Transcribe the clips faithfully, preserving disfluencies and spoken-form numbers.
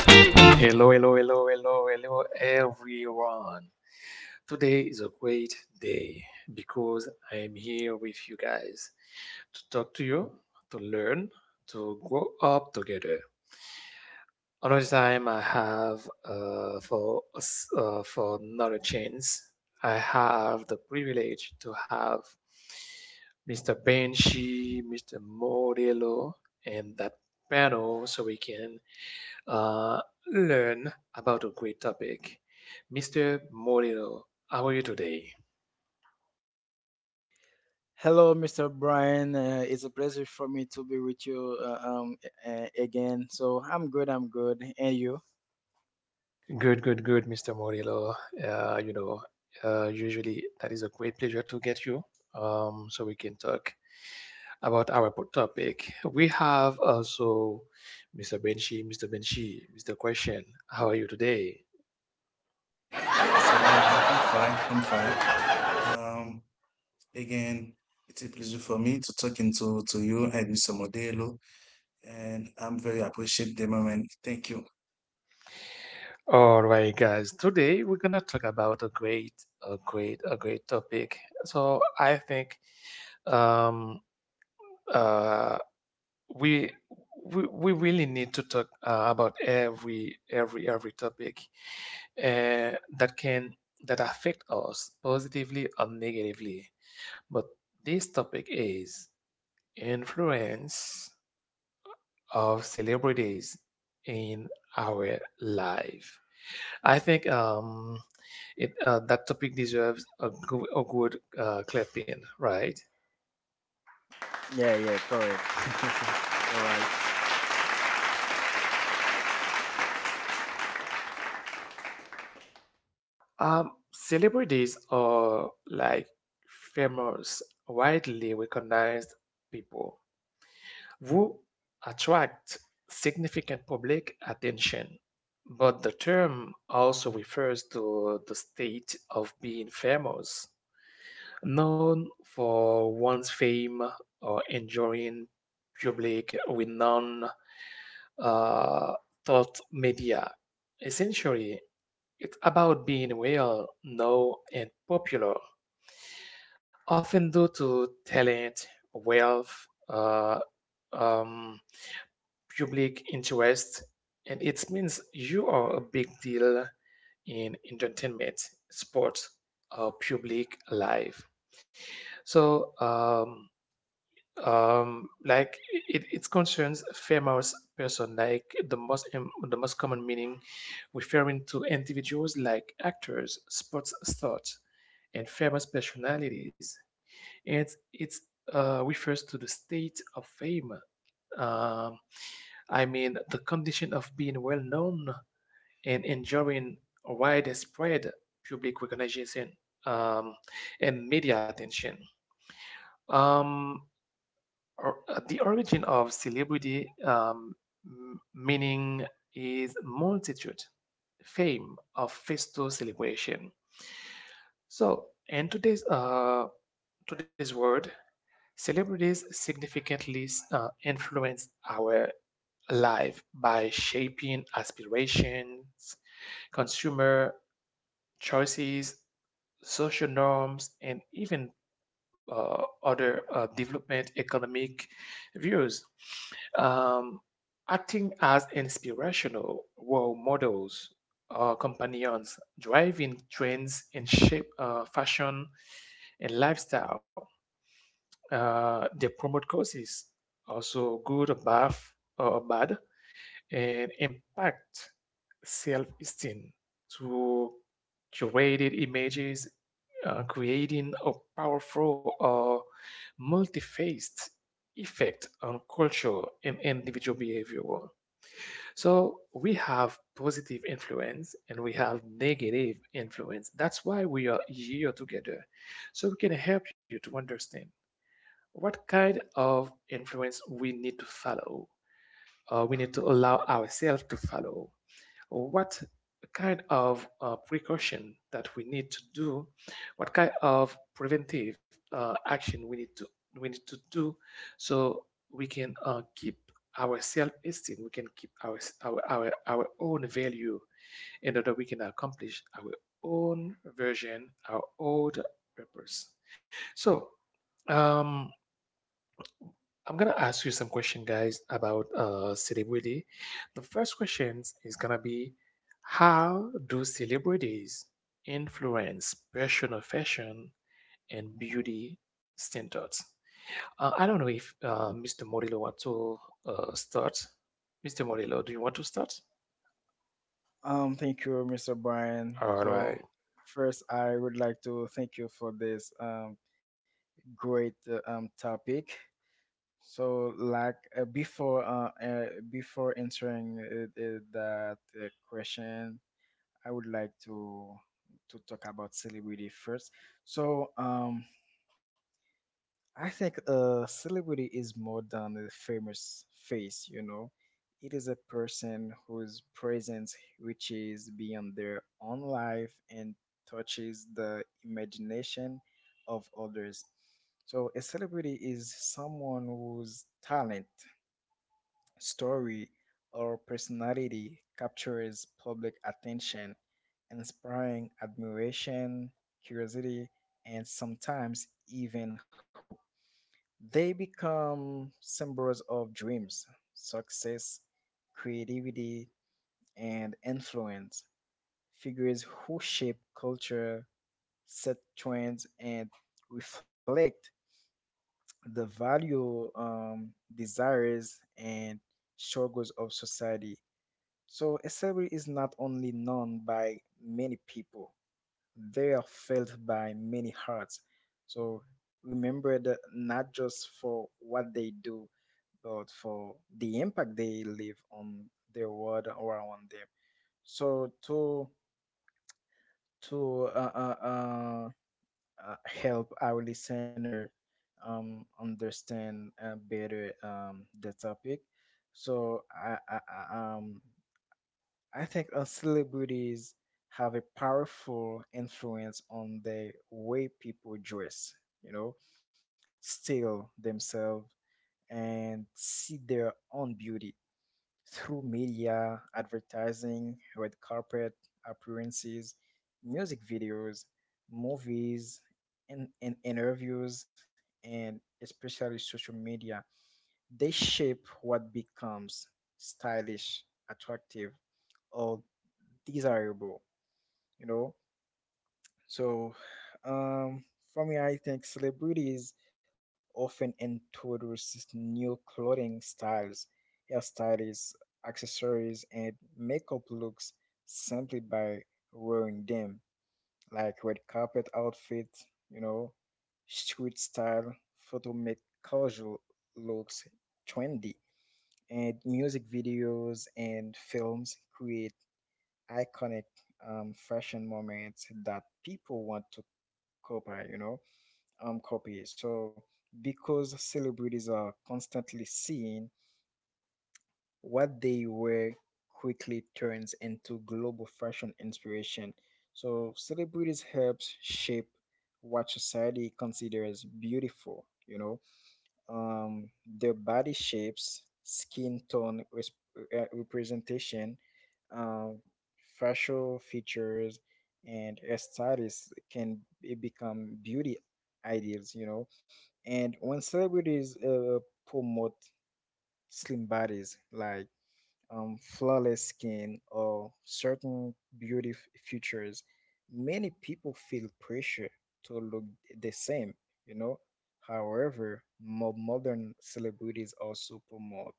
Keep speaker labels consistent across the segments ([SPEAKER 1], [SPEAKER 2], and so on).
[SPEAKER 1] Hello, hello, hello, hello, hello, everyone. Today is a great day because I am here with you guys to talk to you, to learn, to grow up together. Another time I have uh, for s- uh, for another chance, I have the privilege to have mister Benji, mister Modelo, and that panel so we can uh, learn about a great topic. mister Modelo, how are you today?
[SPEAKER 2] Hello, mister Brian. Uh, it's a pleasure for me to be with you uh, um, uh, again. So I'm good. I'm good. And you?
[SPEAKER 1] Good, good, good, mister Morillo. Uh, you know, uh, Usually that is a great pleasure to get you, um, so we can talk about our po- topic. We have also mister Benshi, mister Benshi, mister Question. How are you today?
[SPEAKER 3] mister Brian, I'm fine. I'm fine. Um, Again, it's a pleasure for me to talking to to you and mister Modelo, and I'm very appreciate the moment. Thank you.
[SPEAKER 1] All right, guys. Today we're gonna talk about a great, a great, a great topic. So I think um, uh, we, we we really need to talk uh, about every every every topic uh, that can that affect us positively or negatively. But this topic is influence of celebrities in our life. I think um, it uh, that topic deserves a, good a good uh, clipping, right?
[SPEAKER 2] Yeah, yeah, correct. You're right.
[SPEAKER 1] Um, celebrities are like famous, widely recognized people who attract significant public attention. But the term also refers to the state of being famous, known for one's fame, or enduring public renown uh, thought media. Essentially, it's about being well known and popular, often due to talent, wealth, uh, um, public interest, and it means you are a big deal in entertainment, sports, or public life. So, um, um like it, it concerns famous person like the most im- the most common meaning, referring to individuals like actors, sports stars, and famous personalities, and it uh, refers to the state of fame. um, I mean the condition of being well known and enjoying widespread public recognition um, and media attention. um or- uh, the origin of celebrity um, m- meaning is multitude, fame, or festal celebration. So, in today's uh, today's world, celebrities significantly uh, influence our life by shaping aspirations, consumer choices, social norms, and even uh, other uh, development economic views, um, acting as inspirational role models or companions, driving trends in shape, uh, fashion, and lifestyle. Uh, they promote causes, also good or bad, or bad and impact self esteem through curated images, uh, creating a powerful uh, multi faced effect on culture and individual behavior. So we have positive influence and we have negative influence. That's why we are here together. So we can help you to understand what kind of influence we need to follow. Uh, we need to allow ourselves to follow what kind of uh, precaution that we need to do, what kind of preventive uh, action we need to we need to do, so we can uh, keep our self-esteem, we can keep our, our our our own value, in order we can accomplish our own version, our own purpose. So. Um, I'm gonna ask you some question, guys, about uh, celebrity. The first question is gonna be, how do celebrities influence personal fashion and beauty standards? Uh, I don't know if uh, mister Morillo want to uh, start. mister Morillo, do you want to start?
[SPEAKER 2] Um, thank you, mister Brian.
[SPEAKER 1] All
[SPEAKER 2] So
[SPEAKER 1] right,
[SPEAKER 2] first, I would like to thank you for this um, great uh, um, topic. So, like uh, before, uh, uh, before answering uh, uh, that uh, question, I would like to to talk about celebrity first. So, um, I think a celebrity is more than a famous face, you know. It is a person whose presence reaches beyond their own life and touches the imagination of others. So, a celebrity is someone whose talent, story, or personality captures public attention, inspiring admiration, curiosity, and sometimes even hope. They become symbols of dreams, success, creativity, and influence, figures who shape culture, set trends, and reflect the value, um, desires, and struggles of society. So, a celebrity is not only known by many people, they are felt by many hearts. So remembered not just for what they do, but for the impact they leave on their world around them. So to to uh, uh, uh, uh, help our listener um, understand uh, better um, the topic, so I, I, I um I think uh, celebrities have a powerful influence on the way people dress, you know, style themselves and see their own beauty through media, advertising, red carpet appearances, music videos, movies, and, and interviews, and especially social media. They shape what becomes stylish, attractive, or desirable, you know. So, um, for me, I think celebrities often introduce these new clothing styles, hairstyles, accessories, and makeup looks simply by wearing them, like red carpet outfits, you know, street style, photo make casual looks trendy, and music videos and films create iconic um, fashion moments that people want to copy, you know, um, copy. So because celebrities are constantly seeing what they wear quickly turns into global fashion inspiration. So celebrities helps shape what society considers beautiful, you know, um, their body shapes, skin tone res- uh, representation, um, facial features, and hairstyles can be- become beauty ideals, you know. And when celebrities uh, promote slim bodies, like um, flawless skin, or certain beauty f- features, many people feel pressure to look the same, you know. However, more modern celebrities also promote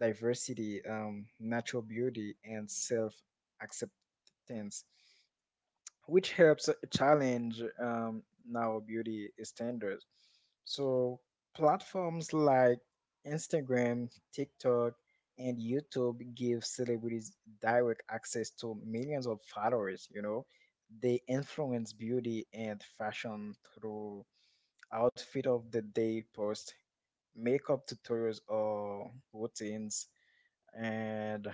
[SPEAKER 2] diversity, um, natural beauty, and self acceptance which helps uh, challenge um, now beauty standards. So platforms like Instagram, TikTok, and YouTube give celebrities direct access to millions of followers. You know, they influence beauty and fashion through outfit of the day posts, makeup tutorials or routines, and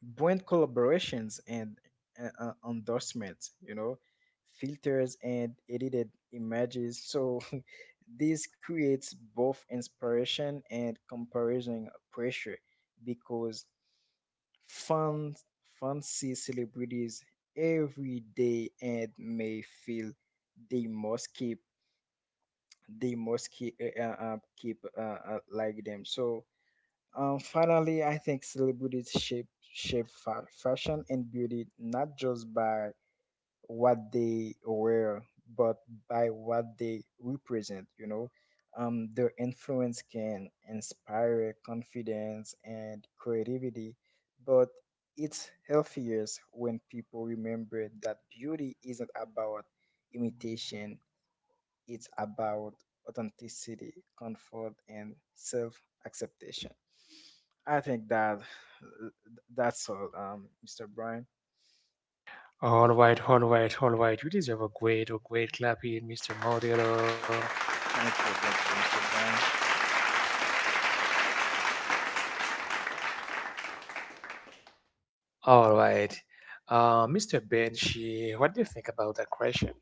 [SPEAKER 2] brand collaborations and uh, uh, endorsements, you know, filters and edited images. So this creates both inspiration and comparison pressure because fans fans see celebrities every day and may feel they must keep they must keep uh, uh, uh, keep uh, uh, like them. So um, finally, I think celebrities shape shape fa- fashion and beauty not just by what they wear, but by what they represent. You know, um, their influence can inspire confidence and creativity, but it's healthier when people remember that beauty isn't about imitation; it's about authenticity, comfort, and self acceptation. I think that that's all, um, mister Brian.
[SPEAKER 1] all right, all right, all right. You deserve a great, a great clapping, mister Morillo.
[SPEAKER 2] Thank you, thank you, mister Brian.
[SPEAKER 1] All right. Uh, mister Benchi, what do you think about that question?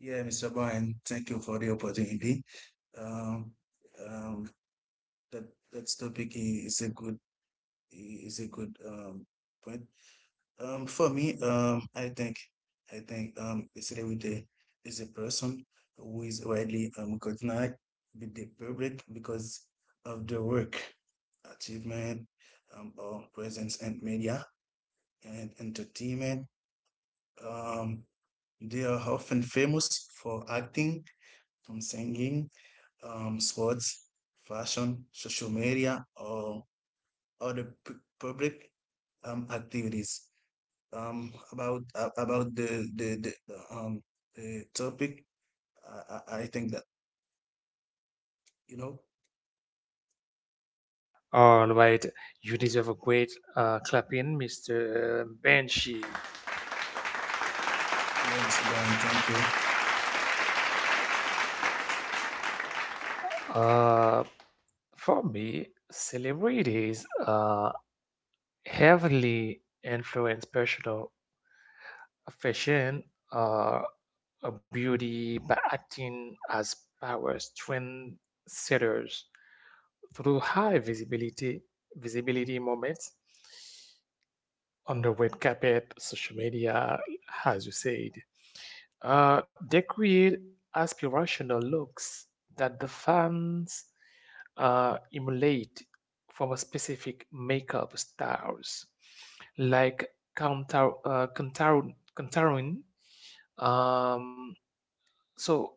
[SPEAKER 3] Yeah, mister Brian, thank you for the opportunity. Um, um, that that topic i- is a good i- is a good um point. Um, for me, um, I think I think um, a celebrity is a person who is widely um recognized with the public because of the work achievement, um, or presence in media and entertainment. Um, they are often famous for acting, um, singing, um, sports, fashion, social media, or other pu- public um, activities. Um, about a- about the the, the, the um the topic, I, I I think that you know.
[SPEAKER 1] All right. You deserve a great uh, clapping, mister Benchi.
[SPEAKER 3] Yeah, mister Brian, thank you.
[SPEAKER 1] Uh, for me, celebrities uh, heavily influence personal fashion, uh, uh, beauty by acting as powers trend setters through high visibility visibility moments on the red carpet, social media, as you said. Uh, they create aspirational looks that the fans uh, emulate from a specific makeup styles, like Kantar, uh, Kantar, um. So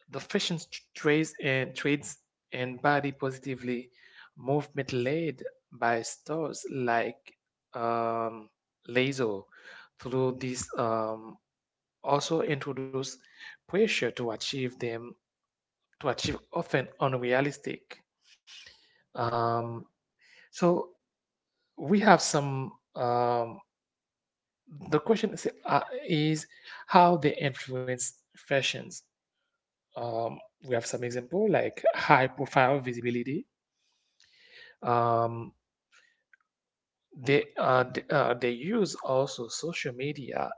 [SPEAKER 1] the fashion trades and trades and body positively movement led by stores like um, Lazo, through this um, also introduce pressure to achieve them to achieve, often unrealistic. Um, so we have some. Um, the question is, uh, is how they influence fashions. um, we have some example like high profile visibility. um, they, uh, they, uh, they use also social media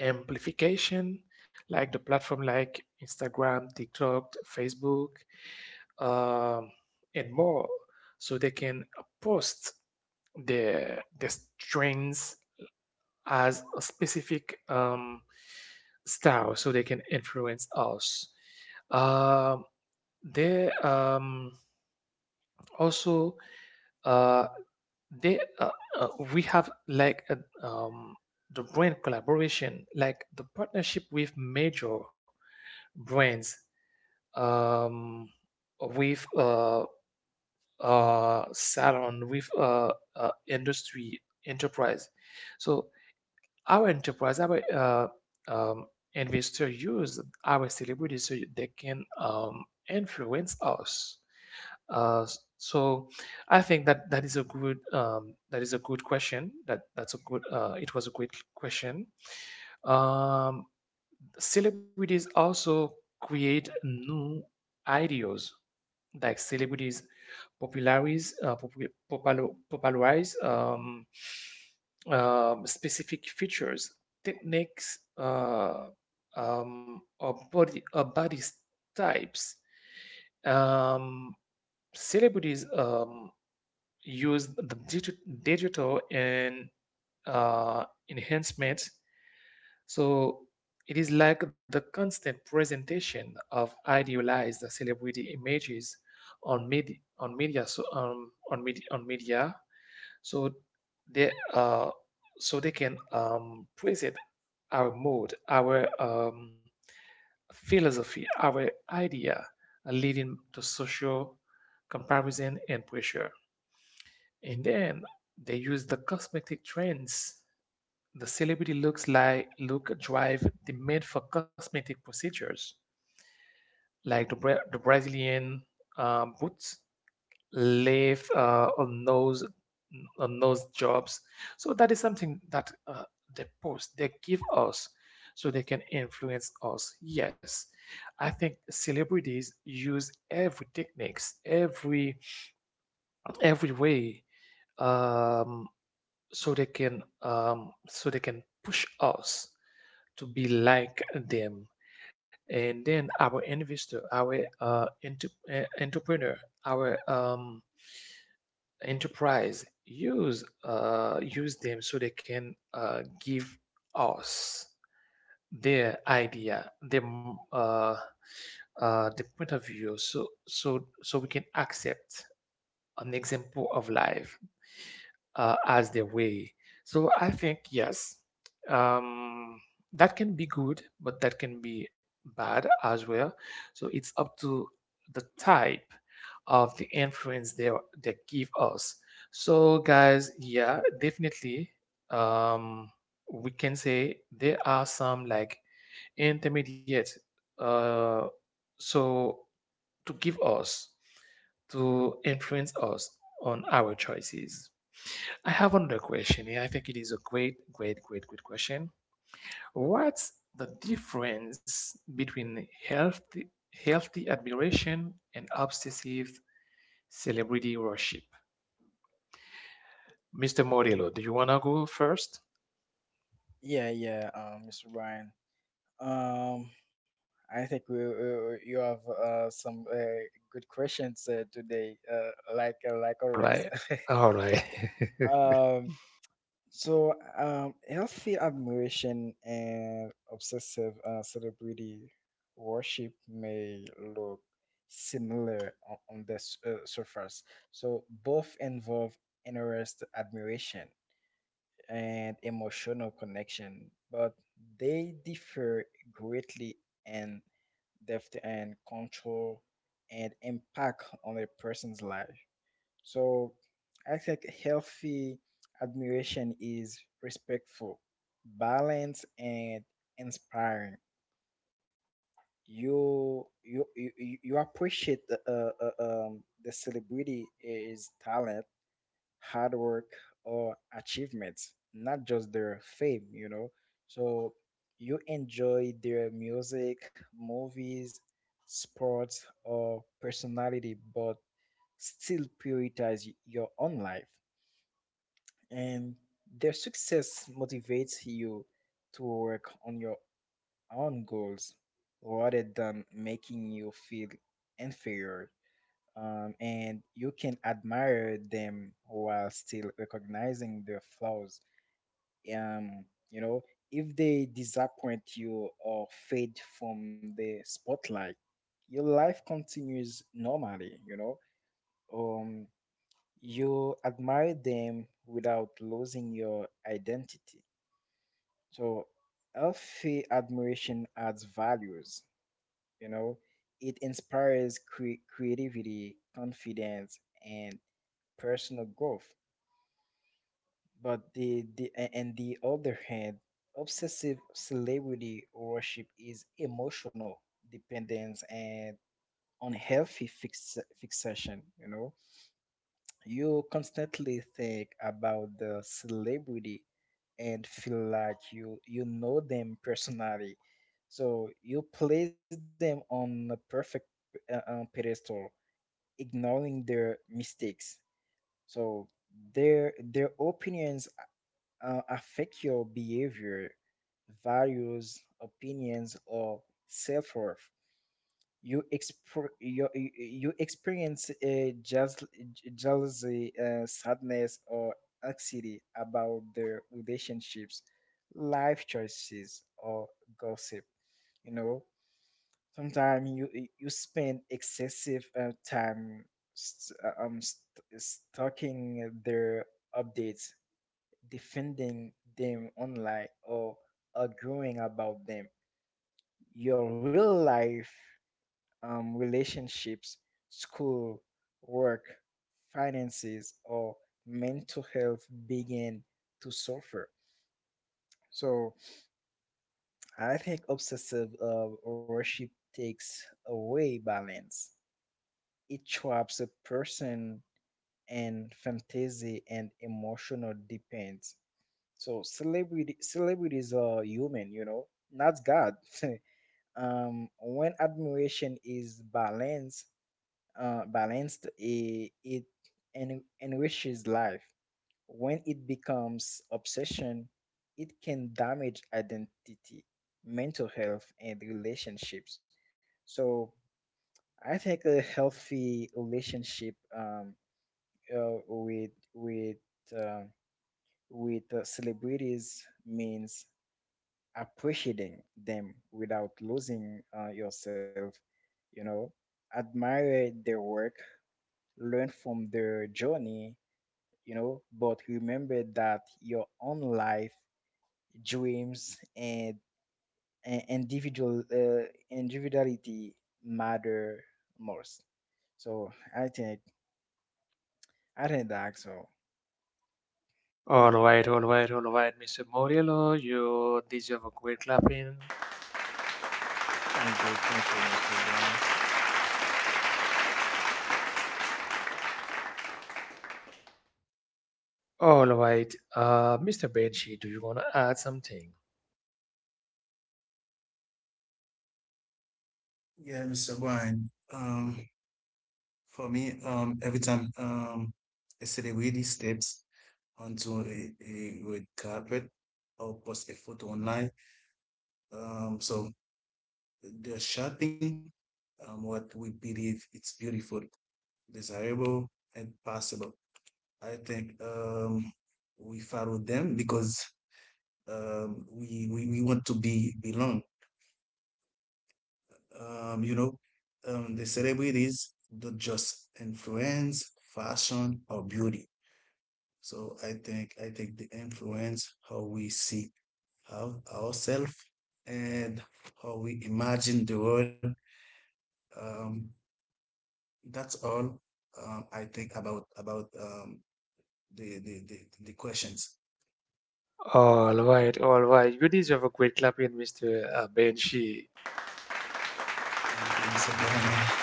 [SPEAKER 1] amplification like the platform like Instagram, TikTok, Facebook, um, and more, so they can post their their strains as a specific um, style, so they can influence us. Um, they um, also uh, they uh, uh, we have like a, um, the brand collaboration, like the partnership with major brands, um, with uh, uh, salon, with uh, uh, industry enterprise, so our enterprise our uh, um, investor use our celebrities so they can um, influence us. Uh, s- so I think that that is a good, um, that is a good question. That that's a good uh, It was a great question. Um, Celebrities also create new ideas. Like celebrities popularize uh, popu- popul- popularize um, um, specific features, techniques, uh, um, or body or body types. Um, Celebrities um, use the digi- digital and uh, enhancements. So it is like the constant presentation of idealized celebrity images on media on media so um, on media on media. So they uh, so they can um, present our mood, our um, philosophy, our idea, leading to social comparison and pressure. And then they use the cosmetic trends. The celebrity looks like look drive demand for cosmetic procedures, like the, Bra- the Brazilian uh, boots, left, uh, or nose or nose jobs. So that is something that uh, they post. They give us so they can influence us. Yes, I think celebrities use every techniques, every every way, um, so they can, um, so they can push us to be like them, and then our investor, our uh, enter- eh, entrepreneur, our um, enterprise use uh, use them so they can uh, give us their idea, their m- uh, uh, the point of view, so so so we can accept an example of life uh, as their way. So I think yes, um, that can be good, but that can be bad as well. So it's up to the type of the influence they they give us. So guys, yeah, definitely, um, we can say there are some like intermediate. Uh, so to give us to influence us on our choices. I have another question here. I think it is a great, great, great, great question. What's the difference between healthy, healthy admiration and obsessive celebrity worship? mister Modelo, do you want to go first?
[SPEAKER 2] Yeah, yeah, um, mister Brian. Um, I think we, uh, you have uh, some uh, good questions uh, today, uh, like uh, like
[SPEAKER 1] All right.
[SPEAKER 2] always.
[SPEAKER 1] All right.
[SPEAKER 2] Um, so, um, healthy admiration and obsessive uh, celebrity worship may look similar on, on the s- uh, surface. So, both involve interest, admiration, and emotional connection, but they differ greatly in depth and control and impact on a person's life. So I think healthy admiration is respectful, balanced, and inspiring. You you you, you you appreciate the uh, uh, um, the celebrity is talent, hard work, or achievements, not just their fame. You know, so you enjoy their music, movies, sports, or personality, but still prioritize your own life and their success motivates you to work on your own goals rather than making you feel inferior. Um, and you can admire them while still recognizing their flaws. Um, you know, if they disappoint you or fade from the spotlight, your life continues normally, you know. Um, you admire them without losing your identity. So healthy admiration adds values, you know, it inspires cre- creativity, confidence, and personal growth. But the, the a- and the other hand, obsessive celebrity worship is emotional dependence and unhealthy fix, fixation, you know, you constantly think about the celebrity and feel like you you know them personally, so you place them on a perfect uh, um, pedestal ignoring their mistakes, so their their opinions uh, affect your behavior, values, opinions, or self-worth. You exp- you, you you experience a jeas- j- jealousy, uh, sadness, or anxiety about their relationships, life choices, or gossip. You know, sometimes you you you spend excessive uh, time st- uh, um, st- stalking their updates, defending them online, or arguing about them. Your real life um, relationships, school, work, finances, or mental health begin to suffer. So I think obsessive uh, worship takes away balance. It traps a person in fantasy and emotional dependence. So celebrity celebrities are human, you know, not God. Um, when admiration is balanced uh, balanced, it, it en- enriches life. When it becomes obsession, it can damage identity, mental health, and relationships. So I think a healthy relationship um, uh, with with uh, with uh, celebrities means appreciating them without losing uh, yourself. You know, admire their work, learn from their journey, you know, but remember that your own life, dreams, and, and individual uh, individuality matter most. So I think I think that so.
[SPEAKER 1] All right. All right. All right. mister Modelo, you deserve a great clapping.
[SPEAKER 2] Thank you, thank you, mister Brian.
[SPEAKER 1] All right. Uh, mister Benji, do you want to add something?
[SPEAKER 3] Yeah, mister Brian. Um, For me, um, every time um, a celebrity steps onto a, a red carpet or posts a photo online, um, so they're shaping um, what we believe it's beautiful, desirable, and possible. I think um, we follow them because um, we, we we want to be belong. Um, you know, um, the celebrities don't just influence fashion or beauty. So I think I think they influence how we see how ourselves and how we imagine the world. Um, that's all um, I think about about um, the, the the the questions.
[SPEAKER 1] All right, all right. You deserve a great clapping, mister uh, Benji.
[SPEAKER 3] Thank you, mister Brian.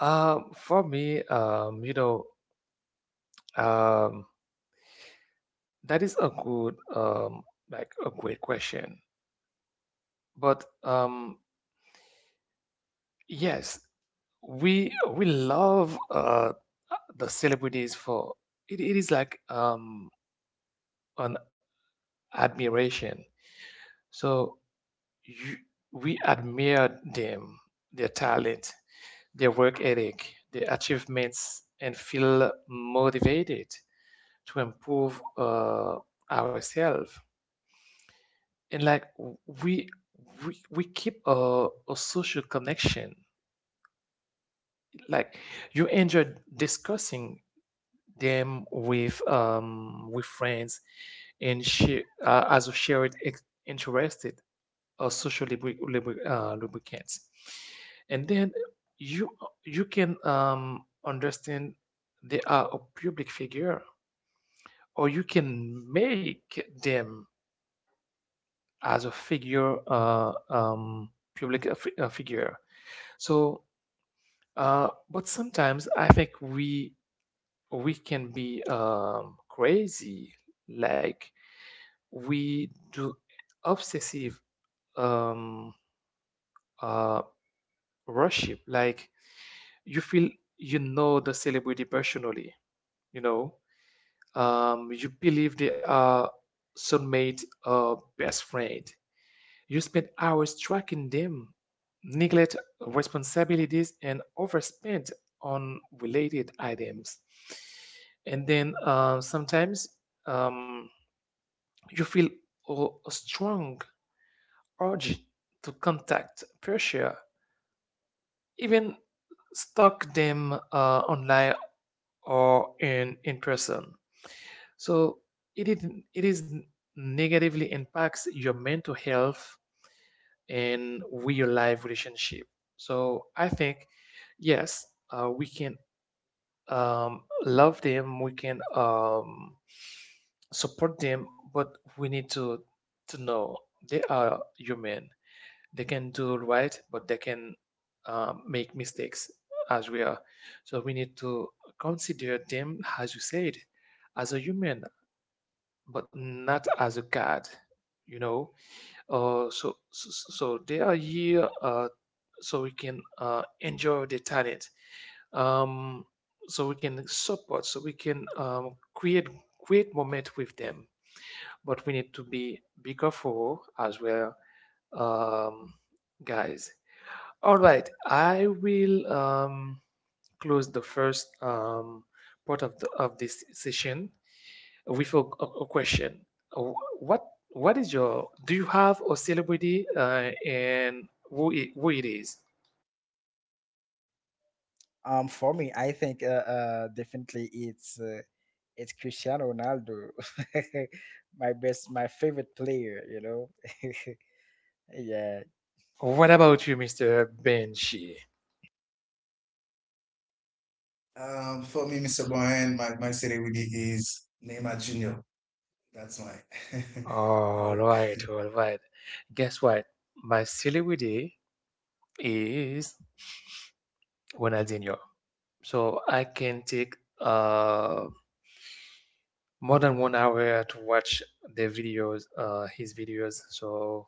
[SPEAKER 1] Um, for me, um, you know, um, that is a good, um, like a great question. But um, yes, we we love uh, the celebrities for it, it is like um, an admiration. So you, we admire them, their talent, their work ethic, their achievements, and feel motivated to improve uh, ourselves, and like we we, we keep a, a social connection, like you enjoy discussing them with um with friends, and share uh, as a shared ex- interested or social lubri- lubri- uh, lubricants, and then you you can um understand they are a public figure, or you can make them as a figure uh um public uh, fi- uh, figure. So, uh, but sometimes I think we we can be um, crazy, like we do obsessive um, uh, worship. Like you feel you know the celebrity personally. you know, um, you believe they are soulmate, uh, best friend. You spend hours tracking them, neglect responsibilities, and overspend on related items. And then uh, sometimes um, you feel a strong urge to contact pressure, even stalk them uh, online or in, in person. So it, is- it is negatively impacts your mental health in real life relationship. So I think, yes, uh, we can um, love them, we can um, support them, but we need to to know they are human. They can do right, but they can um, make mistakes as we are. So we need to consider them, as you said, as a human, but not as a god. You know, uh, so, so so they are here, uh, so we can uh, enjoy the talent. Um, so we can support, so we can um, create great moment with them. But we need to be bigger for as well, um, guys. All right, I will um, close the first um, part of the of this session with a, a a question. Uh, What what is your Do you have a celebrity uh, and who it, who it is?
[SPEAKER 2] Um, for me, I think uh, uh definitely it's uh, it's Cristiano Ronaldo, my best, my favorite player. You know, yeah,
[SPEAKER 1] What about you, mister Benji?
[SPEAKER 3] Um, for me, mister Brian, my my city really is Neymar Junior. That's mine. you
[SPEAKER 1] All
[SPEAKER 3] know.
[SPEAKER 1] right, all right. Guess what? My celebrity is Ronaldinho. So I can take uh more than one hour to watch their videos, uh, his videos. So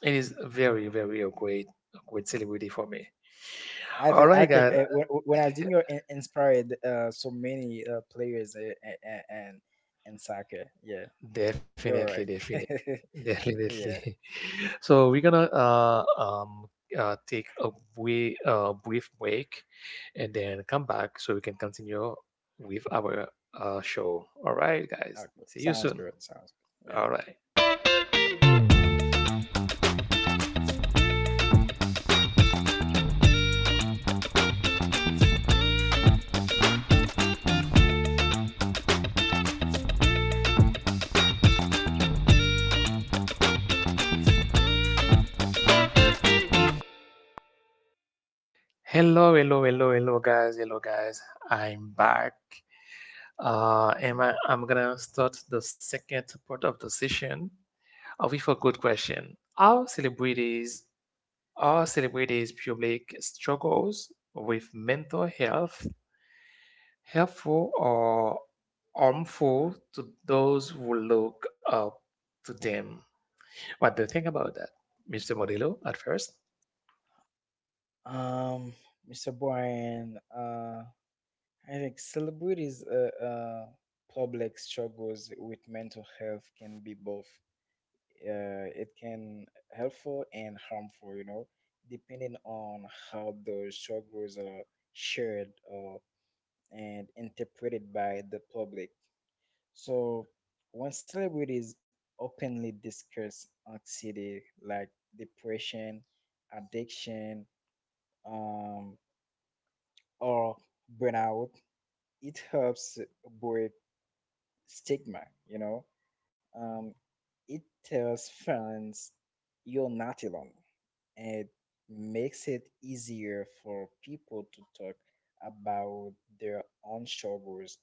[SPEAKER 1] it is very, very a great, a great celebrity for me.
[SPEAKER 2] I
[SPEAKER 1] All
[SPEAKER 2] think I
[SPEAKER 1] right,
[SPEAKER 2] think
[SPEAKER 1] guys,
[SPEAKER 2] uh, when when Ronaldinho in- inspired uh, so many uh, players uh, and and and soccer. Yeah, you're
[SPEAKER 1] definitely,
[SPEAKER 2] right.
[SPEAKER 1] definitely,
[SPEAKER 2] yeah,
[SPEAKER 1] definitely. So we're gonna uh, um, uh, take a brief, uh, brief break, and then come back so we can continue with our uh, show. All right, guys,
[SPEAKER 2] okay.
[SPEAKER 1] see you
[SPEAKER 2] Sounds
[SPEAKER 1] soon.
[SPEAKER 2] good. Sounds good. Yeah.
[SPEAKER 1] All right. Hello, hello, hello, hello, guys, hello, guys. I'm back. Uh, am I, I'm gonna start the second part of the session uh, with a good question. Are celebrities are celebrities' public struggles with mental health helpful or harmful to those who look up to them? What do you think about that, mister Modelo? At first,
[SPEAKER 2] Um, mister Boyan, uh, I think celebrities' uh, uh, public struggles with mental health can be both. Uh, it can helpful and harmful, you know, depending on how those struggles are shared uh, and interpreted by the public. So when celebrities openly discuss anxiety like depression, addiction, um, or burnout, it helps break stigma, you know. Um, it tells fans you're not alone. It makes it easier for people to talk about their own struggles.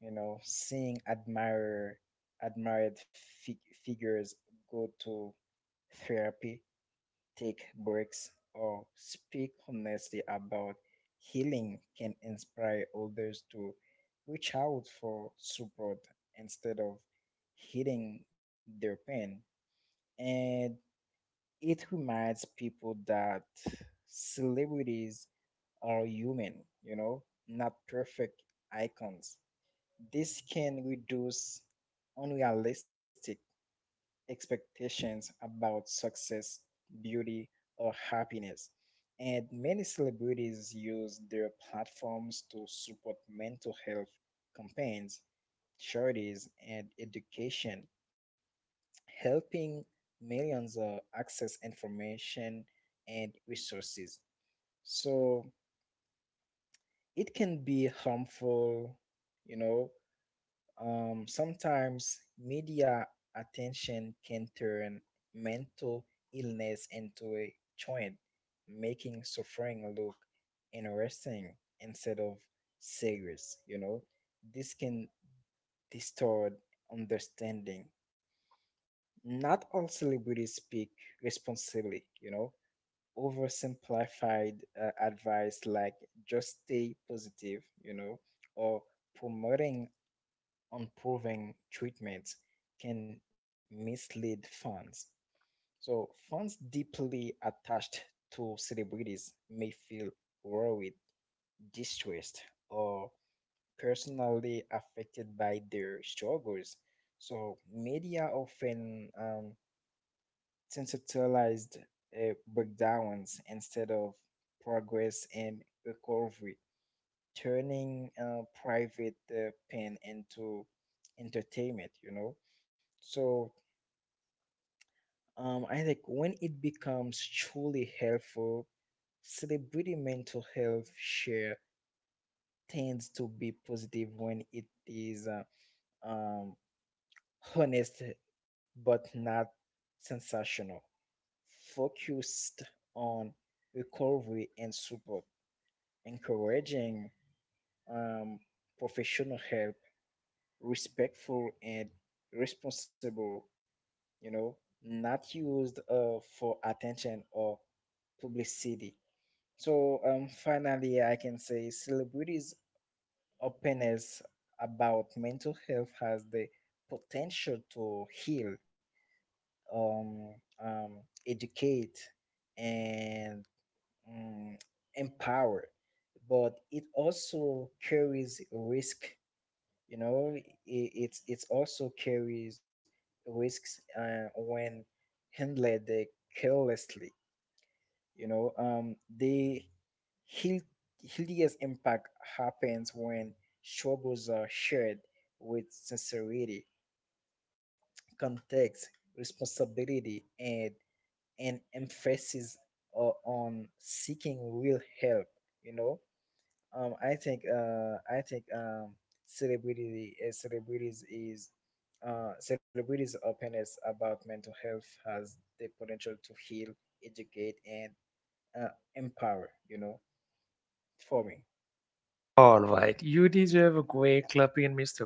[SPEAKER 2] You know, seeing admire admired fi- figures go to therapy, take breaks, or speak honestly about healing can inspire others to reach out for support instead of hitting their pain. And it reminds people that celebrities are human, you know, not perfect icons. This can reduce unrealistic expectations about success, beauty, or happiness. And many celebrities use their platforms to support mental health campaigns, charities, and education, helping millions uh, access information and resources. So it can be harmful, you know. Um, sometimes media attention can turn mental illness into a trend, making suffering look interesting instead of serious, you know. This can distort understanding. Not all celebrities speak responsibly, you know. Oversimplified uh, advice like just stay positive, you know, or promoting unproven treatments can mislead fans. So, fans deeply attached to celebrities may feel worried, distressed, or personally affected by their struggles. So, media often um, conceptualized uh, breakdowns instead of progress and recovery, turning uh, private uh, pain into entertainment, you know. So um, I think when it becomes truly helpful, celebrity mental health share tends to be positive when it is uh, um, honest but not sensational, focused on recovery and support, encouraging um, professional help, respectful and responsible, you know, not used uh, for attention or publicity. So um, finally, I can say celebrities' openness about mental health has the potential to heal, um, um, educate, and Um, empowered, but it also carries risk. You know, it, it, it also carries risks uh, when handled uh, carelessly. You know, um, the heal- healthiest impact happens when struggles are shared with sincerity, context, responsibility, and an emphasis uh, on seeking real help. You know, Um, I think uh, I think um, celebrity uh, celebrities is uh, celebrities' openness about mental health has the potential to heal, educate, and uh, empower. You know, for me.
[SPEAKER 1] all right, you deserve a great clapping, mister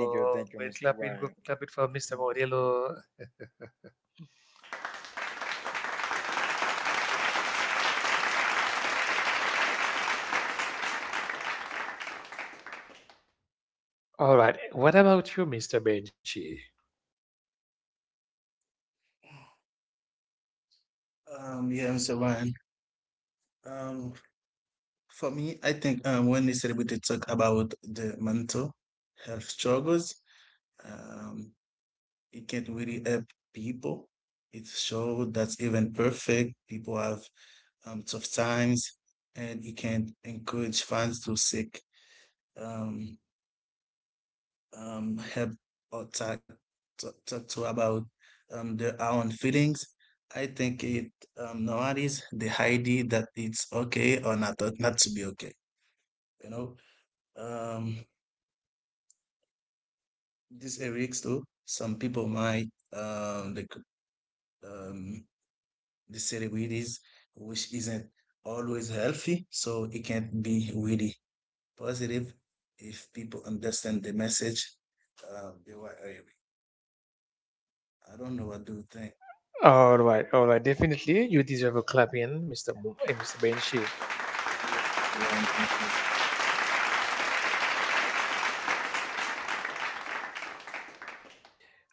[SPEAKER 2] Thank you, thank you,
[SPEAKER 1] Great
[SPEAKER 2] mister
[SPEAKER 1] clapping, good
[SPEAKER 2] Ryan.
[SPEAKER 1] clapping for mister Modelo. All right. What about you, mister Benji?
[SPEAKER 3] Um, yeah, mister Brian. Um, for me, I think um, when the celebrity talk about the mental health struggles, um, it can really help people. It shows that even perfect people have um, tough times, and it can encourage fans to seek um, um, help or talk talk, talk to about um, their own feelings. I think it um, nowadays the idea that it's okay or not not to be okay. You know, um, this eric's too. Some people might um, they could um, the city weed is, which isn't always healthy, so it can be really positive if people understand the message uh, they were I don't know what do you think.
[SPEAKER 1] All right. All right. Definitely, you deserve a clapping, mister Mo- eh, mister
[SPEAKER 3] Um, yeah, mister
[SPEAKER 1] Benji.
[SPEAKER 3] Ryan, thank you.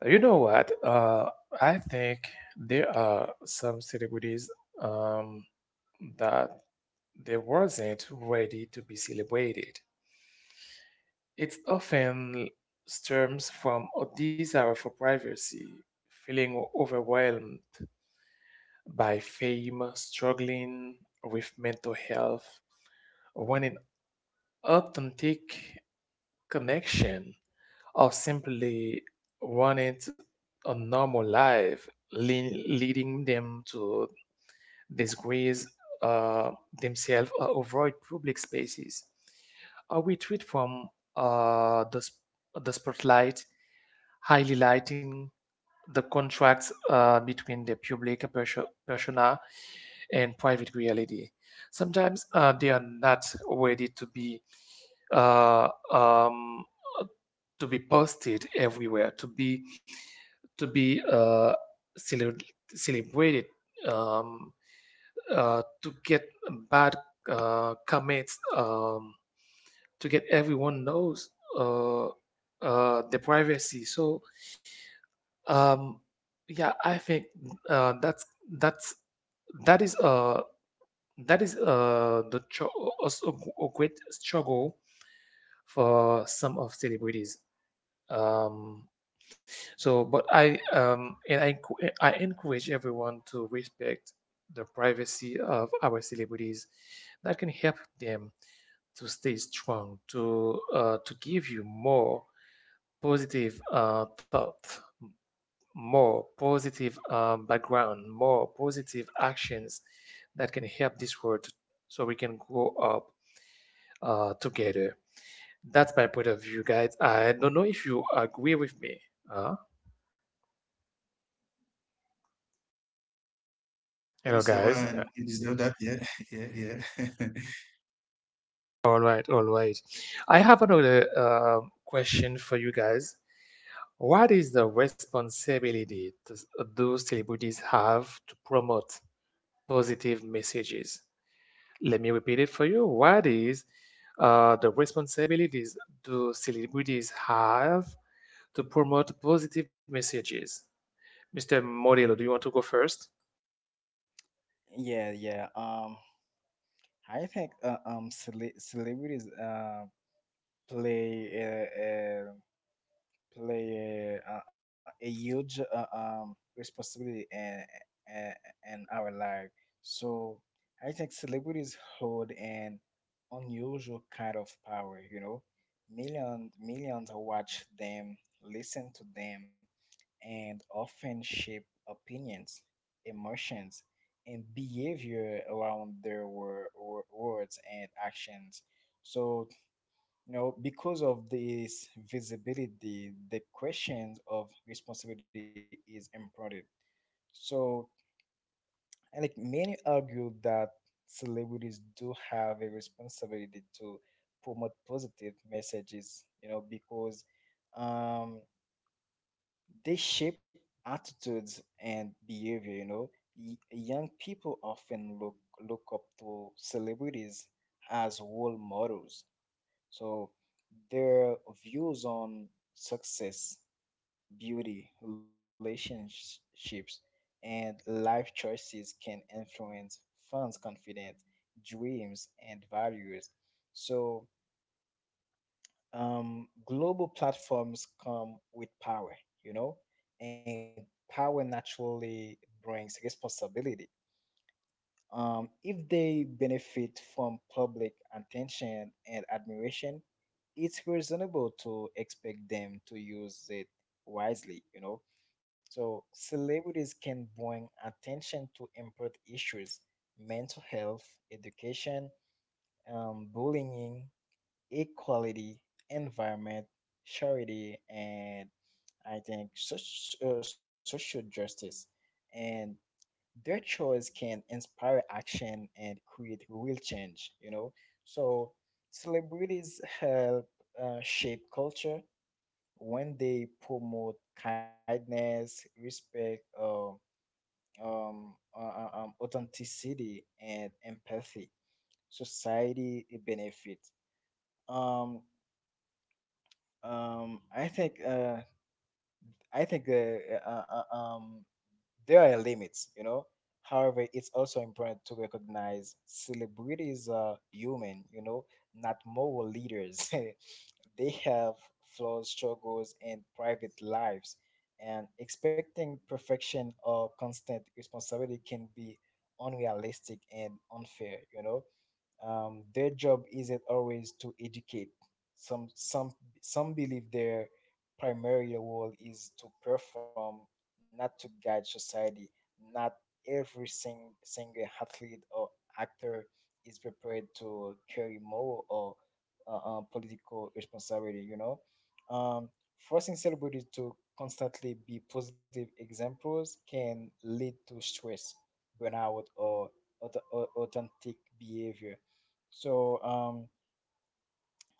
[SPEAKER 1] You know what? Uh, I think there are some celebrities um, that they wasn't ready to be celebrated. It often stems from a desire for privacy, feeling overwhelmed by fame, struggling with mental health, when an authentic connection or simply wanting a normal life, lean, leading them to disgrace uh, themselves or avoid public spaces, uh, we treat from uh, the, sp- the spotlight, highlighting the contracts uh, between the public persona and private reality. Sometimes uh, they are not ready to be uh, um, to be posted everywhere, to be to be uh, cele- celebrated, um, uh, to get bad uh, comments, um, to get everyone knows uh, uh, the privacy. So um, yeah, I think uh, that's that's that is uh that is uh the cho- also a g- a great struggle for some of celebrities. Um, so, but I um and I enc- I encourage everyone to respect the privacy of our celebrities. That can help them to stay strong, to uh, to give you more positive uh, thought, more positive um, background, more positive actions that can help this world so we can grow up uh, together. That's my point of view, guys. I don't know if you agree with me. Uh,
[SPEAKER 3] Yeah,
[SPEAKER 1] Hello,
[SPEAKER 3] mister
[SPEAKER 1] guys.
[SPEAKER 3] Ryan, you deserve that. Yeah, yeah, yeah.
[SPEAKER 1] All right, all right. I have another uh, question for you guys. What is the responsibility does, those celebrities have to promote positive messages? Let me repeat it for you. What is uh, the responsibilities do celebrities have to promote positive messages? mister Modelo, do you want to go first?
[SPEAKER 2] yeah, yeah. Um, I think uh, um, cele- celebrities uh, play a, play a, a huge uh, um, responsibility in, in, in our life. So I think celebrities hold an unusual kind of power, you know. Millions, millions watch them, listen to them, and often shape opinions, emotions, and behavior around their wor- wor- words and actions. So you know because of this visibility, the questions of responsibility is important. so and Like many argue that celebrities do have a responsibility to promote positive messages, you know because um they shape attitudes and behavior, you know Y- young people often look look up to celebrities as role models. So their views on success, beauty, relationships, and life choices can influence fans' confidence, dreams, and values. So um, global platforms come with power, you know, and power naturally brings responsibility. Um, if they benefit from public attention and admiration, it's reasonable to expect them to use it wisely, you know. So celebrities can bring attention to important issues: mental health, education, um, bullying, equality, environment, charity, and I think such, uh, social justice. And their choice can inspire action and create real change, you know so celebrities help uh, shape culture. When they promote kindness, respect, uh, um, uh, uh, um, authenticity, and empathy, society it benefits. um, um, i think uh, I think the uh, uh, um There are limits, you know. However, it's also important to recognize celebrities are human, you know, not moral leaders. They have flaws, struggles, and private lives, and expecting perfection or constant responsibility can be unrealistic and unfair, you know. Um, their job isn't always to educate. Some some some believe their primary role is to perform, not to guide society. Not every sing, single athlete or actor is prepared to carry moral or uh, uh, political responsibility, you know. um, Forcing celebrities to constantly be positive examples can lead to stress, burnout, or auth- au- authentic behavior. So um,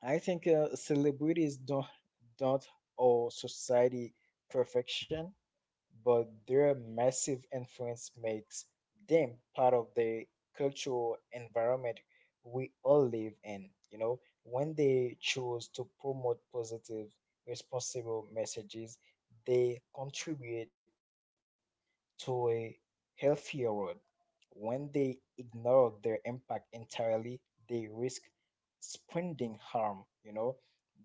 [SPEAKER 2] I think uh, celebrities don't don't owe society perfection, but their massive influence makes them part of the cultural environment we all live in. You know, when they choose to promote positive, responsible messages, they contribute to a healthier world. When they ignore their impact entirely, they risk spreading harm. You know,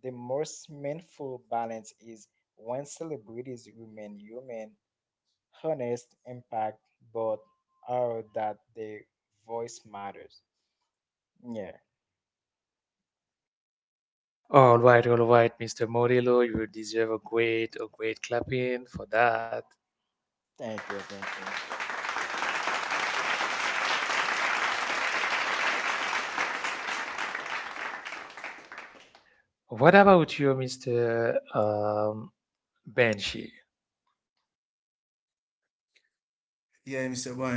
[SPEAKER 2] the most meaningful balance is when celebrities remain human, honest, impact, but are that their voice matters. Yeah,
[SPEAKER 1] All right, all right, mister Modelo, you deserve a great, a great clapping for that.
[SPEAKER 2] thank you, thank you.
[SPEAKER 1] What about you, mister Um, Banshee?
[SPEAKER 3] Yeah, mister Ryan,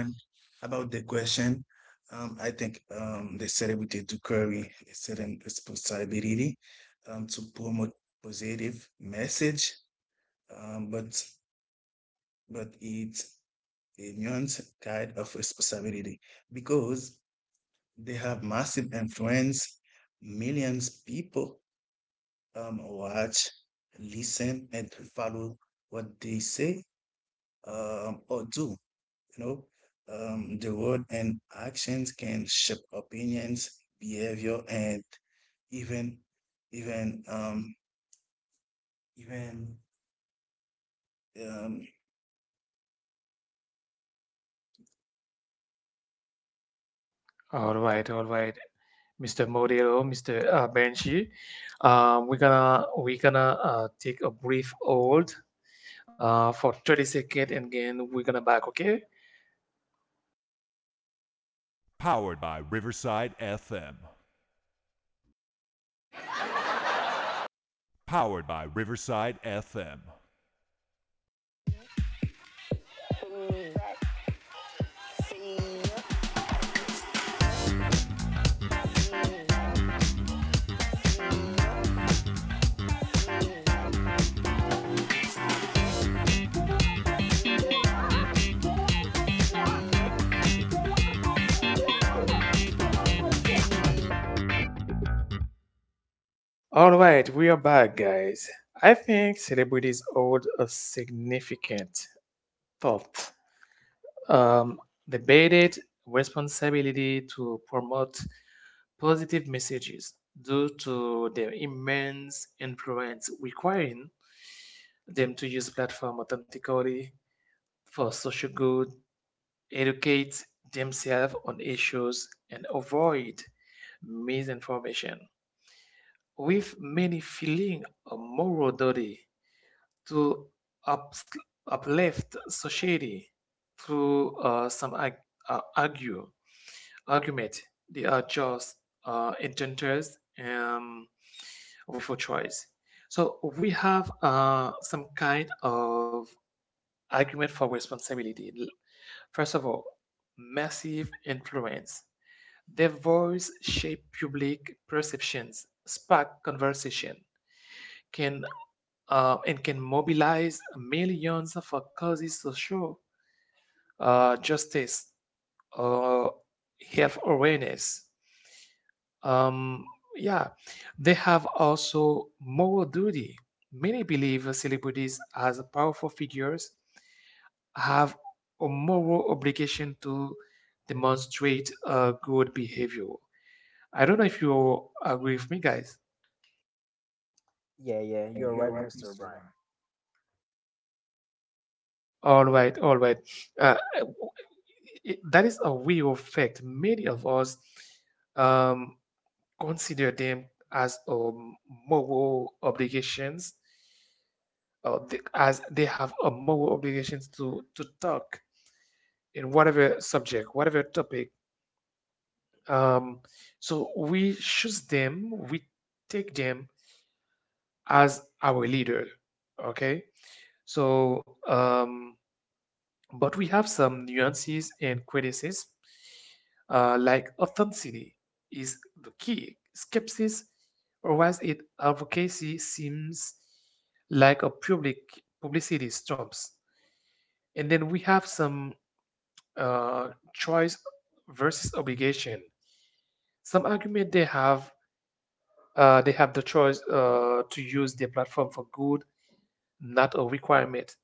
[SPEAKER 3] about the question, um, I think um, the celebrity to carry a certain responsibility um, to promote positive message, um, but but it's a nuanced kind of responsibility because they have massive influence. Millions people, um, watch, listen, and follow what they say um, or do. You know, um, the word and actions can shape opinions, behavior, and even even um even um.
[SPEAKER 1] All right, all right, mister Modelo, mister Uh, Banshee. Um, we're gonna we're gonna uh, take a brief hold uh, for thirty seconds, and then we're gonna back, okay? All right, we are back, guys. I think celebrities hold a significant thought, um, debated responsibility to promote positive messages due to their immense influence, requiring them to use platform authentically for social good, educate themselves on issues, and avoid misinformation, with many feeling a moral duty to ups- uplift society through uh, some ag- uh, argue argument. They are just uh, intenders um, with a choice. So we have uh, some kind of argument for responsibility. L- First of all, massive influence. Their voice shape public perceptions, spark conversation, can uh, and can mobilize millions of uh, causes to show uh, justice or health awareness. Um, yeah, they have also moral duty. Many believe celebrities as powerful figures have a moral obligation to demonstrate uh, good behavior. I don't know if you agree with me, guys.
[SPEAKER 2] Yeah, yeah, you're
[SPEAKER 3] You're
[SPEAKER 2] right,
[SPEAKER 3] right,
[SPEAKER 2] mister
[SPEAKER 3] mister
[SPEAKER 2] Brian.
[SPEAKER 3] Ryan.
[SPEAKER 1] All right, all right. Uh, it- that is a way of fact. Many of us um, consider them as um, moral obligations, uh, th- as they have a moral obligations to to talk in whatever subject, whatever topic. Um, so we choose them, we take them as our leader. Okay, so um, but we have some nuances and criticism, uh, like authenticity is the key. Skepsis, or whereas it advocacy seems like a public publicity stumps. And then we have some uh, choice versus obligation. Some argument they have uh, They have the choice uh, to use their platform for good, not a requirement,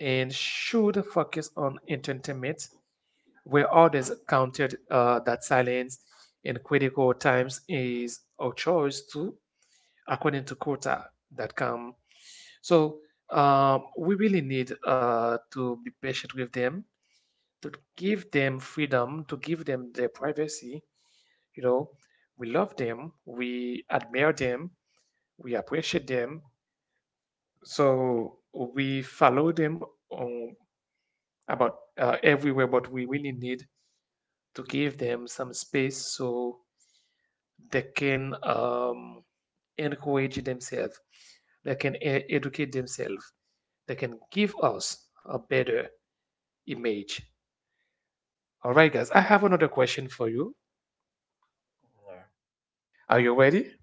[SPEAKER 1] and should focus on entertainment, where others counted uh, that silence in critical times is a choice too, according to quota that come. So uh, we really need uh, to be patient with them, to give them freedom, to give them their privacy. You know, we love them, we admire them, we appreciate them. So we follow them on about uh, everywhere, but we really need to give them some space so they can um, encourage themselves, they can e- educate themselves, they can give us a better image. All right, guys, I have another question for you. Are you ready?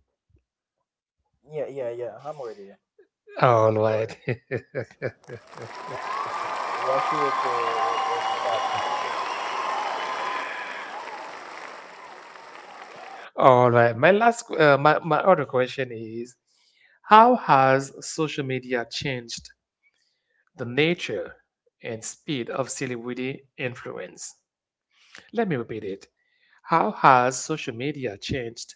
[SPEAKER 2] Yeah, yeah, yeah, yeah. I'm ready. Okay,
[SPEAKER 1] All
[SPEAKER 2] go ahead.
[SPEAKER 1] right.
[SPEAKER 2] We are here to uh, uh, for that.
[SPEAKER 1] All right. My last, qu- uh, my, my other question is: how has social media changed the nature and speed of celebrity influence? Let me repeat it. How has social media changed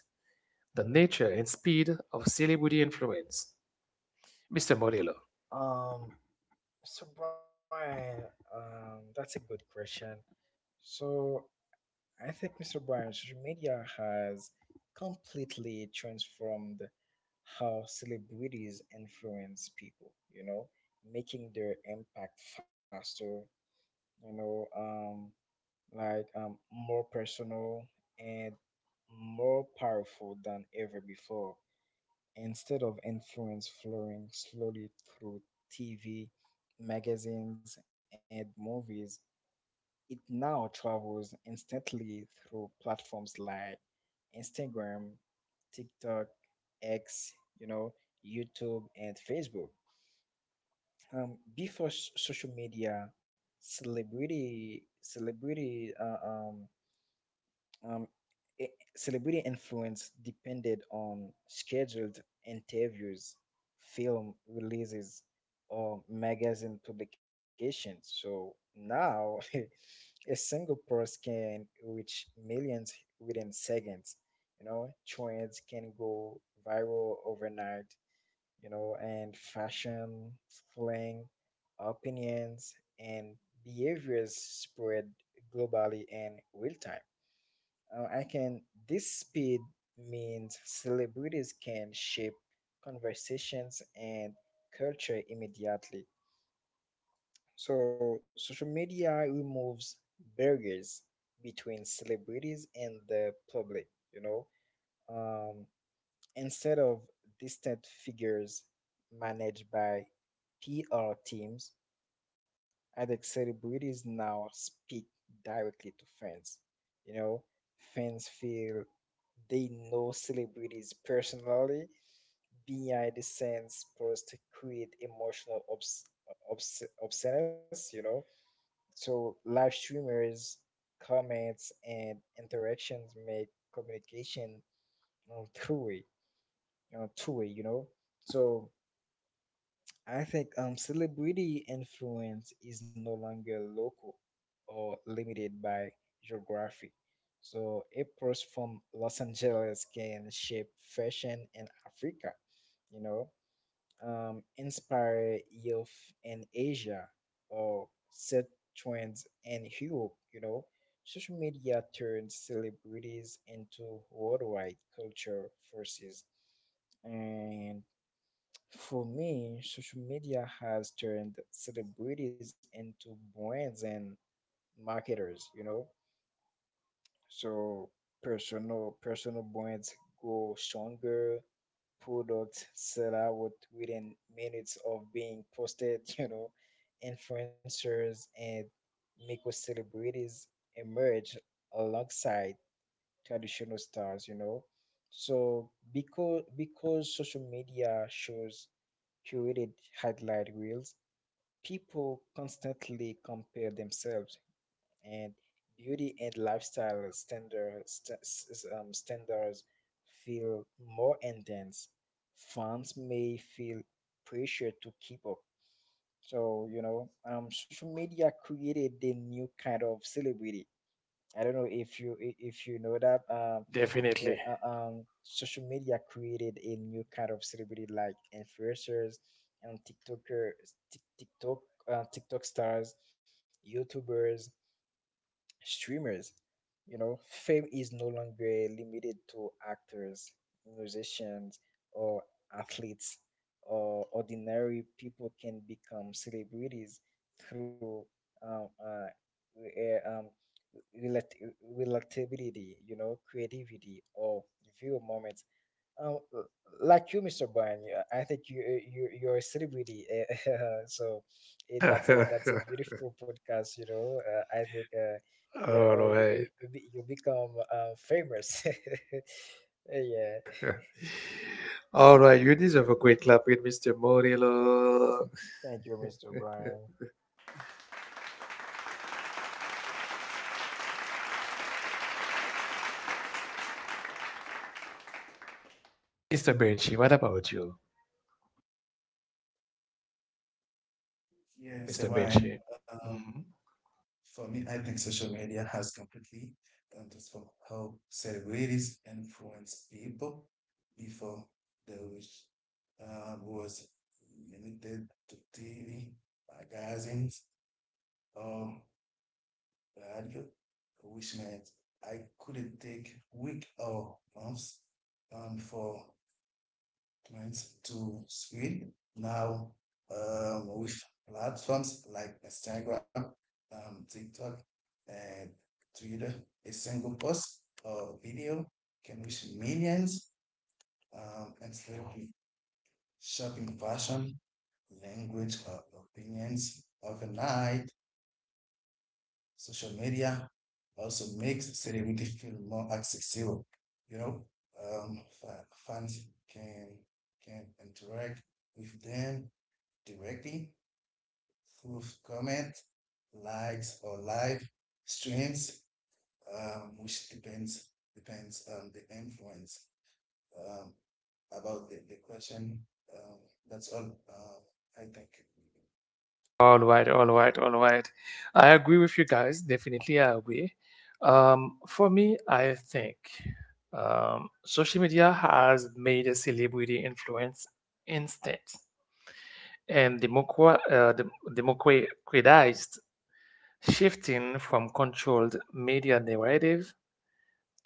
[SPEAKER 1] the nature and speed of celebrity influence. mister Murillo.
[SPEAKER 2] um, So Brian, um, that's a good question. So I think mister Brian, social media has completely transformed how celebrities influence people, you know, making their impact faster, you know, um, like um, more personal and more powerful than ever before. Instead of influence flowing slowly through T V, magazines, and movies, it now travels instantly through platforms like Instagram, TikTok, X, you know, YouTube, and Facebook. Um, before s- social media, celebrity celebrity uh, um, um, i- celebrity influence depended on scheduled interviews, film releases, or magazine publications. So now a single post can reach millions within seconds. You know, trends can go viral overnight, you know, and fashion, slang, opinions, and behaviors spread globally in real time. Uh, I can. This speed means celebrities can shape conversations and culture immediately. So social media removes barriers between celebrities and the public. You know, um, instead of distant figures managed by P R teams, I think celebrities now speak directly to fans. You know, fans feel they know celebrities personally. Behind the scenes posts to create emotional obs- obs- obsceneness, you know. So live streamers, comments, and interactions make communication on two way, on two way, you know. So I think um, celebrity influence is no longer local or limited by geography. So a person from Los Angeles can shape fashion in Africa, you know, um, inspire youth in Asia, or set trends in Europe, you know. Social media turns celebrities into worldwide culture forces, and for me, social media has turned celebrities into brands and marketers, you know? So personal personal brands grow stronger, products sell out within minutes of being posted, you know. Influencers and micro celebrities emerge alongside traditional stars, you know. So because because social media shows curated highlight reels, people constantly compare themselves, and beauty and lifestyle standards st- s- um, standards feel more intense. Fans may feel pressure to keep up. So you know, um, social media created a new kind of celebrity. I don't know if you i- if you know that. Um, eh,
[SPEAKER 1] Definitely.
[SPEAKER 2] uh, um, social media created a new kind of celebrity like influencers and TikToker, Tik- TikTok, uh, TikTok stars, YouTubers, streamers. You know, fame is no longer limited to actors, musicians, or athletes. Or ordinary people can become celebrities through um, uh, uh, um, relat- relatability, you know, creativity, or view moments. Um, l- like you, mister Brian, yeah, I think you uh, you you're a celebrity. eh, so eh, that's a that's a
[SPEAKER 1] All
[SPEAKER 2] beautiful podcast. You know, uh, I think uh, yeah, uh, you
[SPEAKER 1] right.
[SPEAKER 2] you you be, you become uh, famous. Yeah.
[SPEAKER 1] All right. You deserve a quick clap with mister Murillo.
[SPEAKER 2] Thank you, mister Brian.
[SPEAKER 1] mister Benchi, what about you?
[SPEAKER 3] Yes,
[SPEAKER 1] mister
[SPEAKER 3] Ryan.
[SPEAKER 1] Benchi. Mhm.
[SPEAKER 3] For me, I think social media has completely transformed how celebrities influence people before the which uh, was limited to T V, magazines, or radio, which meant I couldn't take week or months um, for development to screen. Now uh, with platforms like Instagram, um, TikTok, and Twitter, a single post or video can reach millions um, and spread shopping fashion, language, or opinions overnight. Social media also makes celebrity feel more accessible. You know, um, fa- fans can can interact with them directly through comment, likes, or live streams, um, which depends depends on the influence. Um, about the, the question, um, that's all um I think.
[SPEAKER 1] All right. All right. All right. I agree with you guys. Definitely, I agree. Um, for me, I think um, social media has made a celebrity influence instant and democra- uh, dem- democratized, shifting from controlled media narrative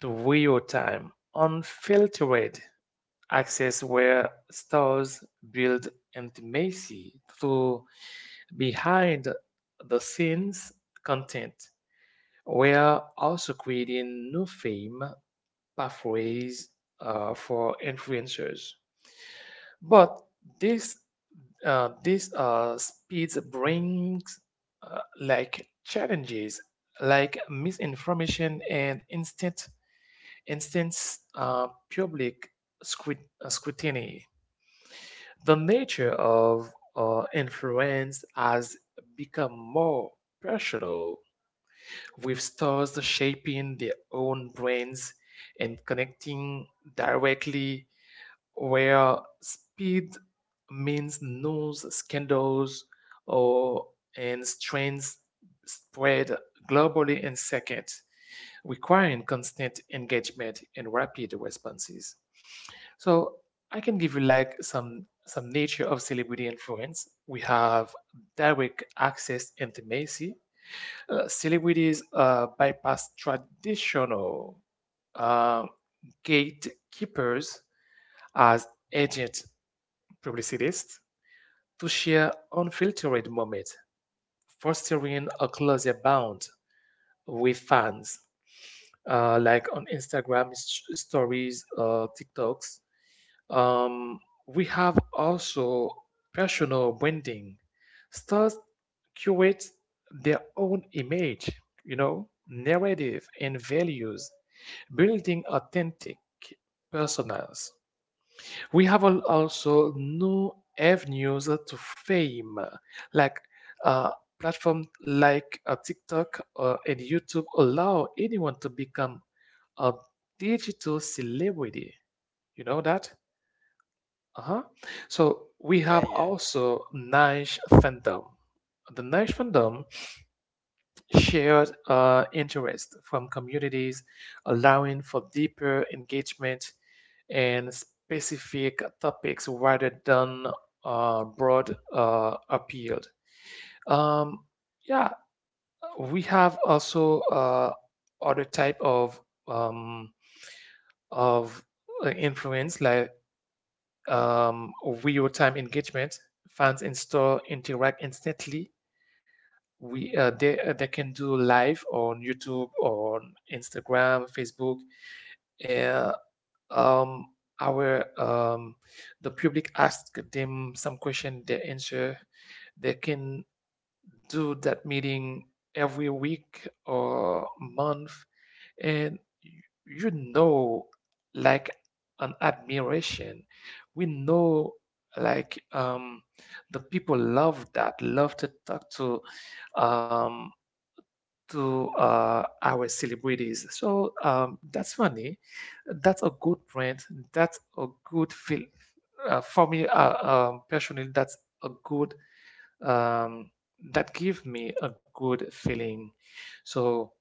[SPEAKER 1] to real time, unfiltered access where stars build intimacy through behind the scenes content. We are also creating new fame pathways uh, for influencers. But this Uh, this uh, speeds brings uh, like challenges like misinformation and instant instance uh, public scrut- uh, scrutiny. The nature of uh, influence has become more personal, with stars shaping their own brains and connecting directly, where speed means news scandals or and trends spread globally in seconds, requiring constant engagement and rapid responses. So I can give you like some some nature of celebrity influence. We have direct access intimacy. Uh, celebrities uh, bypass traditional uh, gatekeepers as agents publicists to share unfiltered moments, fostering a closer bond with fans, uh, like on Instagram s- stories, uh, TikToks. Um, we have also personal branding. Stars curate their own image, you know, narrative and values, building authentic personas. We have al- also new avenues to fame, like uh, platforms like uh, TikTok uh, and YouTube allow anyone to become a digital celebrity. You know that? Uh huh. So we have
[SPEAKER 2] Yeah, yeah.
[SPEAKER 1] also niche fandom. The niche fandom shared uh, interest from communities, allowing for deeper engagement and specific topics rather than uh, broad uh, appeal. Um, yeah, we have also uh, other type of um, of uh, influence like um, real-time engagement. Fans in store interact instantly. We uh, they uh, They can do live on YouTube, on Instagram, Facebook, and um, our um, the public ask them some question, they answer. They can do that meeting every week or month, and y- you know, like an admiration. We know like um the people love that, love to talk to um to uh, our celebrities. So um, that's funny. That's a good brand. That's a good feel uh, for me uh, um, personally. That's a good um, that give me a good feeling. So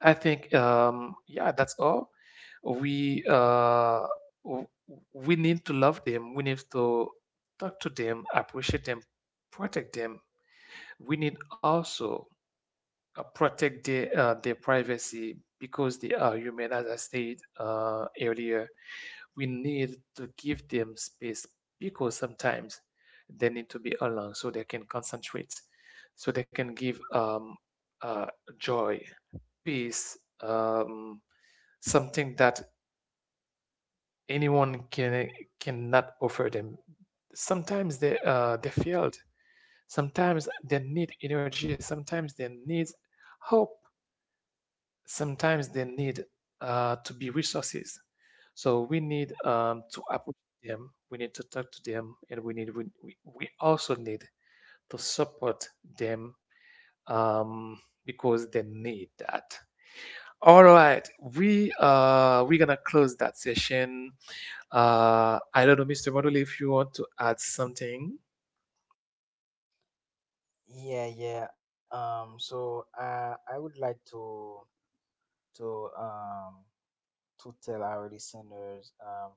[SPEAKER 1] I think um, yeah, that's all. We uh, w- we need to love them. We need to talk to them, appreciate them, protect them. We need also uh, protect their uh, their privacy because they are human, as I said uh, earlier. We need to give them space because sometimes they need to be alone so they can concentrate, so they can give um, uh, joy, peace, um, something that anyone can cannot offer them. Sometimes they uh, they failed. Sometimes they need energy. Sometimes they need hope, sometimes they need uh, to be resources. So we need um, to approach them. We need to talk to them, and we need we, we we also need to support them, um, because they need that. All right, we uh we're gonna close that session. Uh, I don't know, mister Model, if you want to add something.
[SPEAKER 2] Yeah, yeah. Um, so uh, I would like to to um to tell our listeners, um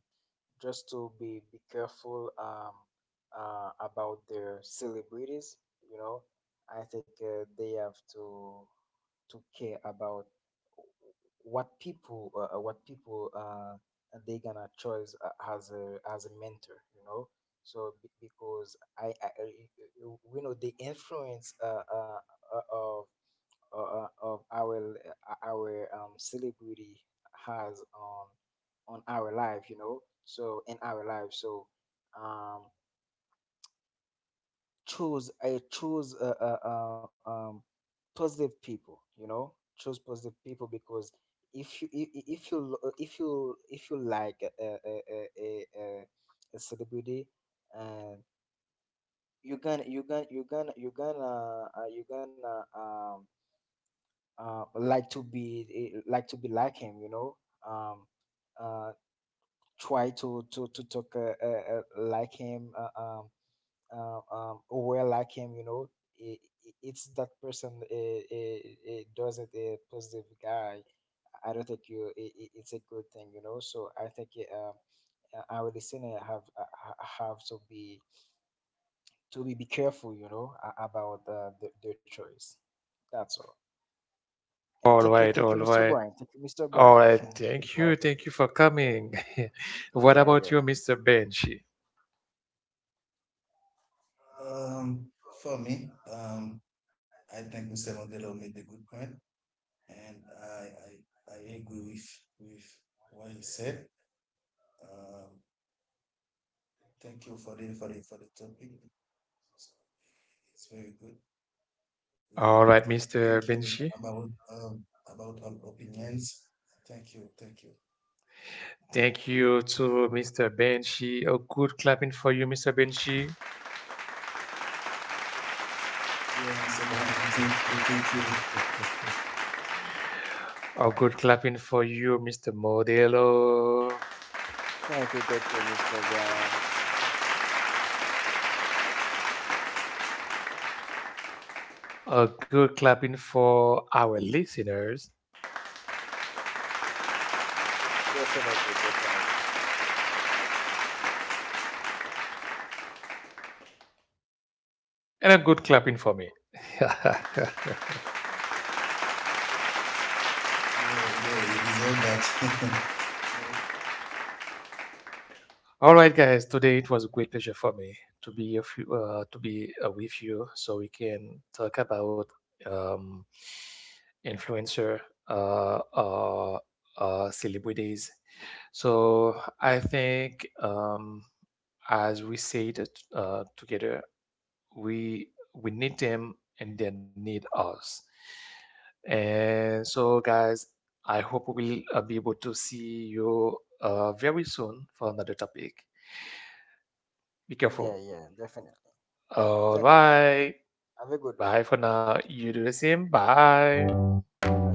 [SPEAKER 2] just to be be careful, um, uh, about their celebrities. You know, I think uh, they have to to care about what people uh, uh, what people uh, they gonna choose a- as a as a mentor. You know, so be- because I, I I- we know the influence uh, uh, uh, of uh, uh, of our uh, our um, celebrity has on on our life, you know. So in our life, so um, choose I choose uh, uh, uh, um, positive people, you know. Choose positive people because if you if if you l- if you if you like a a a, a, a a celebrity, and you gonna you gonna you gonna you gonna uh, you gonna um uh, like to be eh, like to be like him, you know, um, uh, try to to to talk uh, uh, uh, like him, uh, um, uh, um, wear like him, you know. it, it's that person. It, doesn't a positive guy, I don't think you it, it's a good thing, you know. So I think uh, uh, our listener have uh, ha- have to be to be, be careful, you know, a- about uh, the, their choice. That's all. And
[SPEAKER 1] All
[SPEAKER 2] thank you,
[SPEAKER 1] right,
[SPEAKER 2] thank you,
[SPEAKER 1] all
[SPEAKER 2] mister
[SPEAKER 1] right,
[SPEAKER 2] Brian. Thank you, mister
[SPEAKER 1] all
[SPEAKER 2] Brian,
[SPEAKER 1] right.
[SPEAKER 2] for this
[SPEAKER 1] Thank you, thank you
[SPEAKER 2] opportunity.
[SPEAKER 1] for
[SPEAKER 2] Yeah,
[SPEAKER 1] coming. What
[SPEAKER 2] yeah,
[SPEAKER 1] about
[SPEAKER 2] yeah.
[SPEAKER 1] you, mister Benji?
[SPEAKER 3] Um, for me, um, I think mister Modelo made a good point. And I, I, I agree with, with what you said. Um, Thank you for the, for the, for the topic. So it's very good. Yeah.
[SPEAKER 1] All right,
[SPEAKER 3] Thank,
[SPEAKER 1] mister
[SPEAKER 3] thank you
[SPEAKER 1] Benshi.
[SPEAKER 3] about, um, about all opinions. Thank you. Thank you.
[SPEAKER 1] Thank you to mister Benshi. A good clapping for you, mister Benshi.
[SPEAKER 3] Yeah, mister Brian. Thank you. Thank you.
[SPEAKER 1] A good clapping for you, mister Modelo.
[SPEAKER 2] Thank you, thank you, mister Brian. Mhm.
[SPEAKER 1] A good clapping for our listeners.
[SPEAKER 2] Definitely, definitely.
[SPEAKER 1] And a good clapping for me.
[SPEAKER 3] Yeah. Yeah. You deserve that. No.
[SPEAKER 1] All right, guys. Today it was a great pleasure for me to be a few, uh, to be uh, with you, so we can talk about um, influencer uh, uh, uh, celebrities. So I think um, as we say it uh, together, we we need them and they need us. And so, guys, I hope we'll uh, be able to see you uh, very soon for another topic. Be
[SPEAKER 2] Yeah,
[SPEAKER 1] careful.
[SPEAKER 2] yeah, definitely. Okay,
[SPEAKER 1] All
[SPEAKER 2] thank you.
[SPEAKER 1] right.
[SPEAKER 2] Have a good one.
[SPEAKER 1] Bye for now. You do the same. Bye.
[SPEAKER 2] Okay.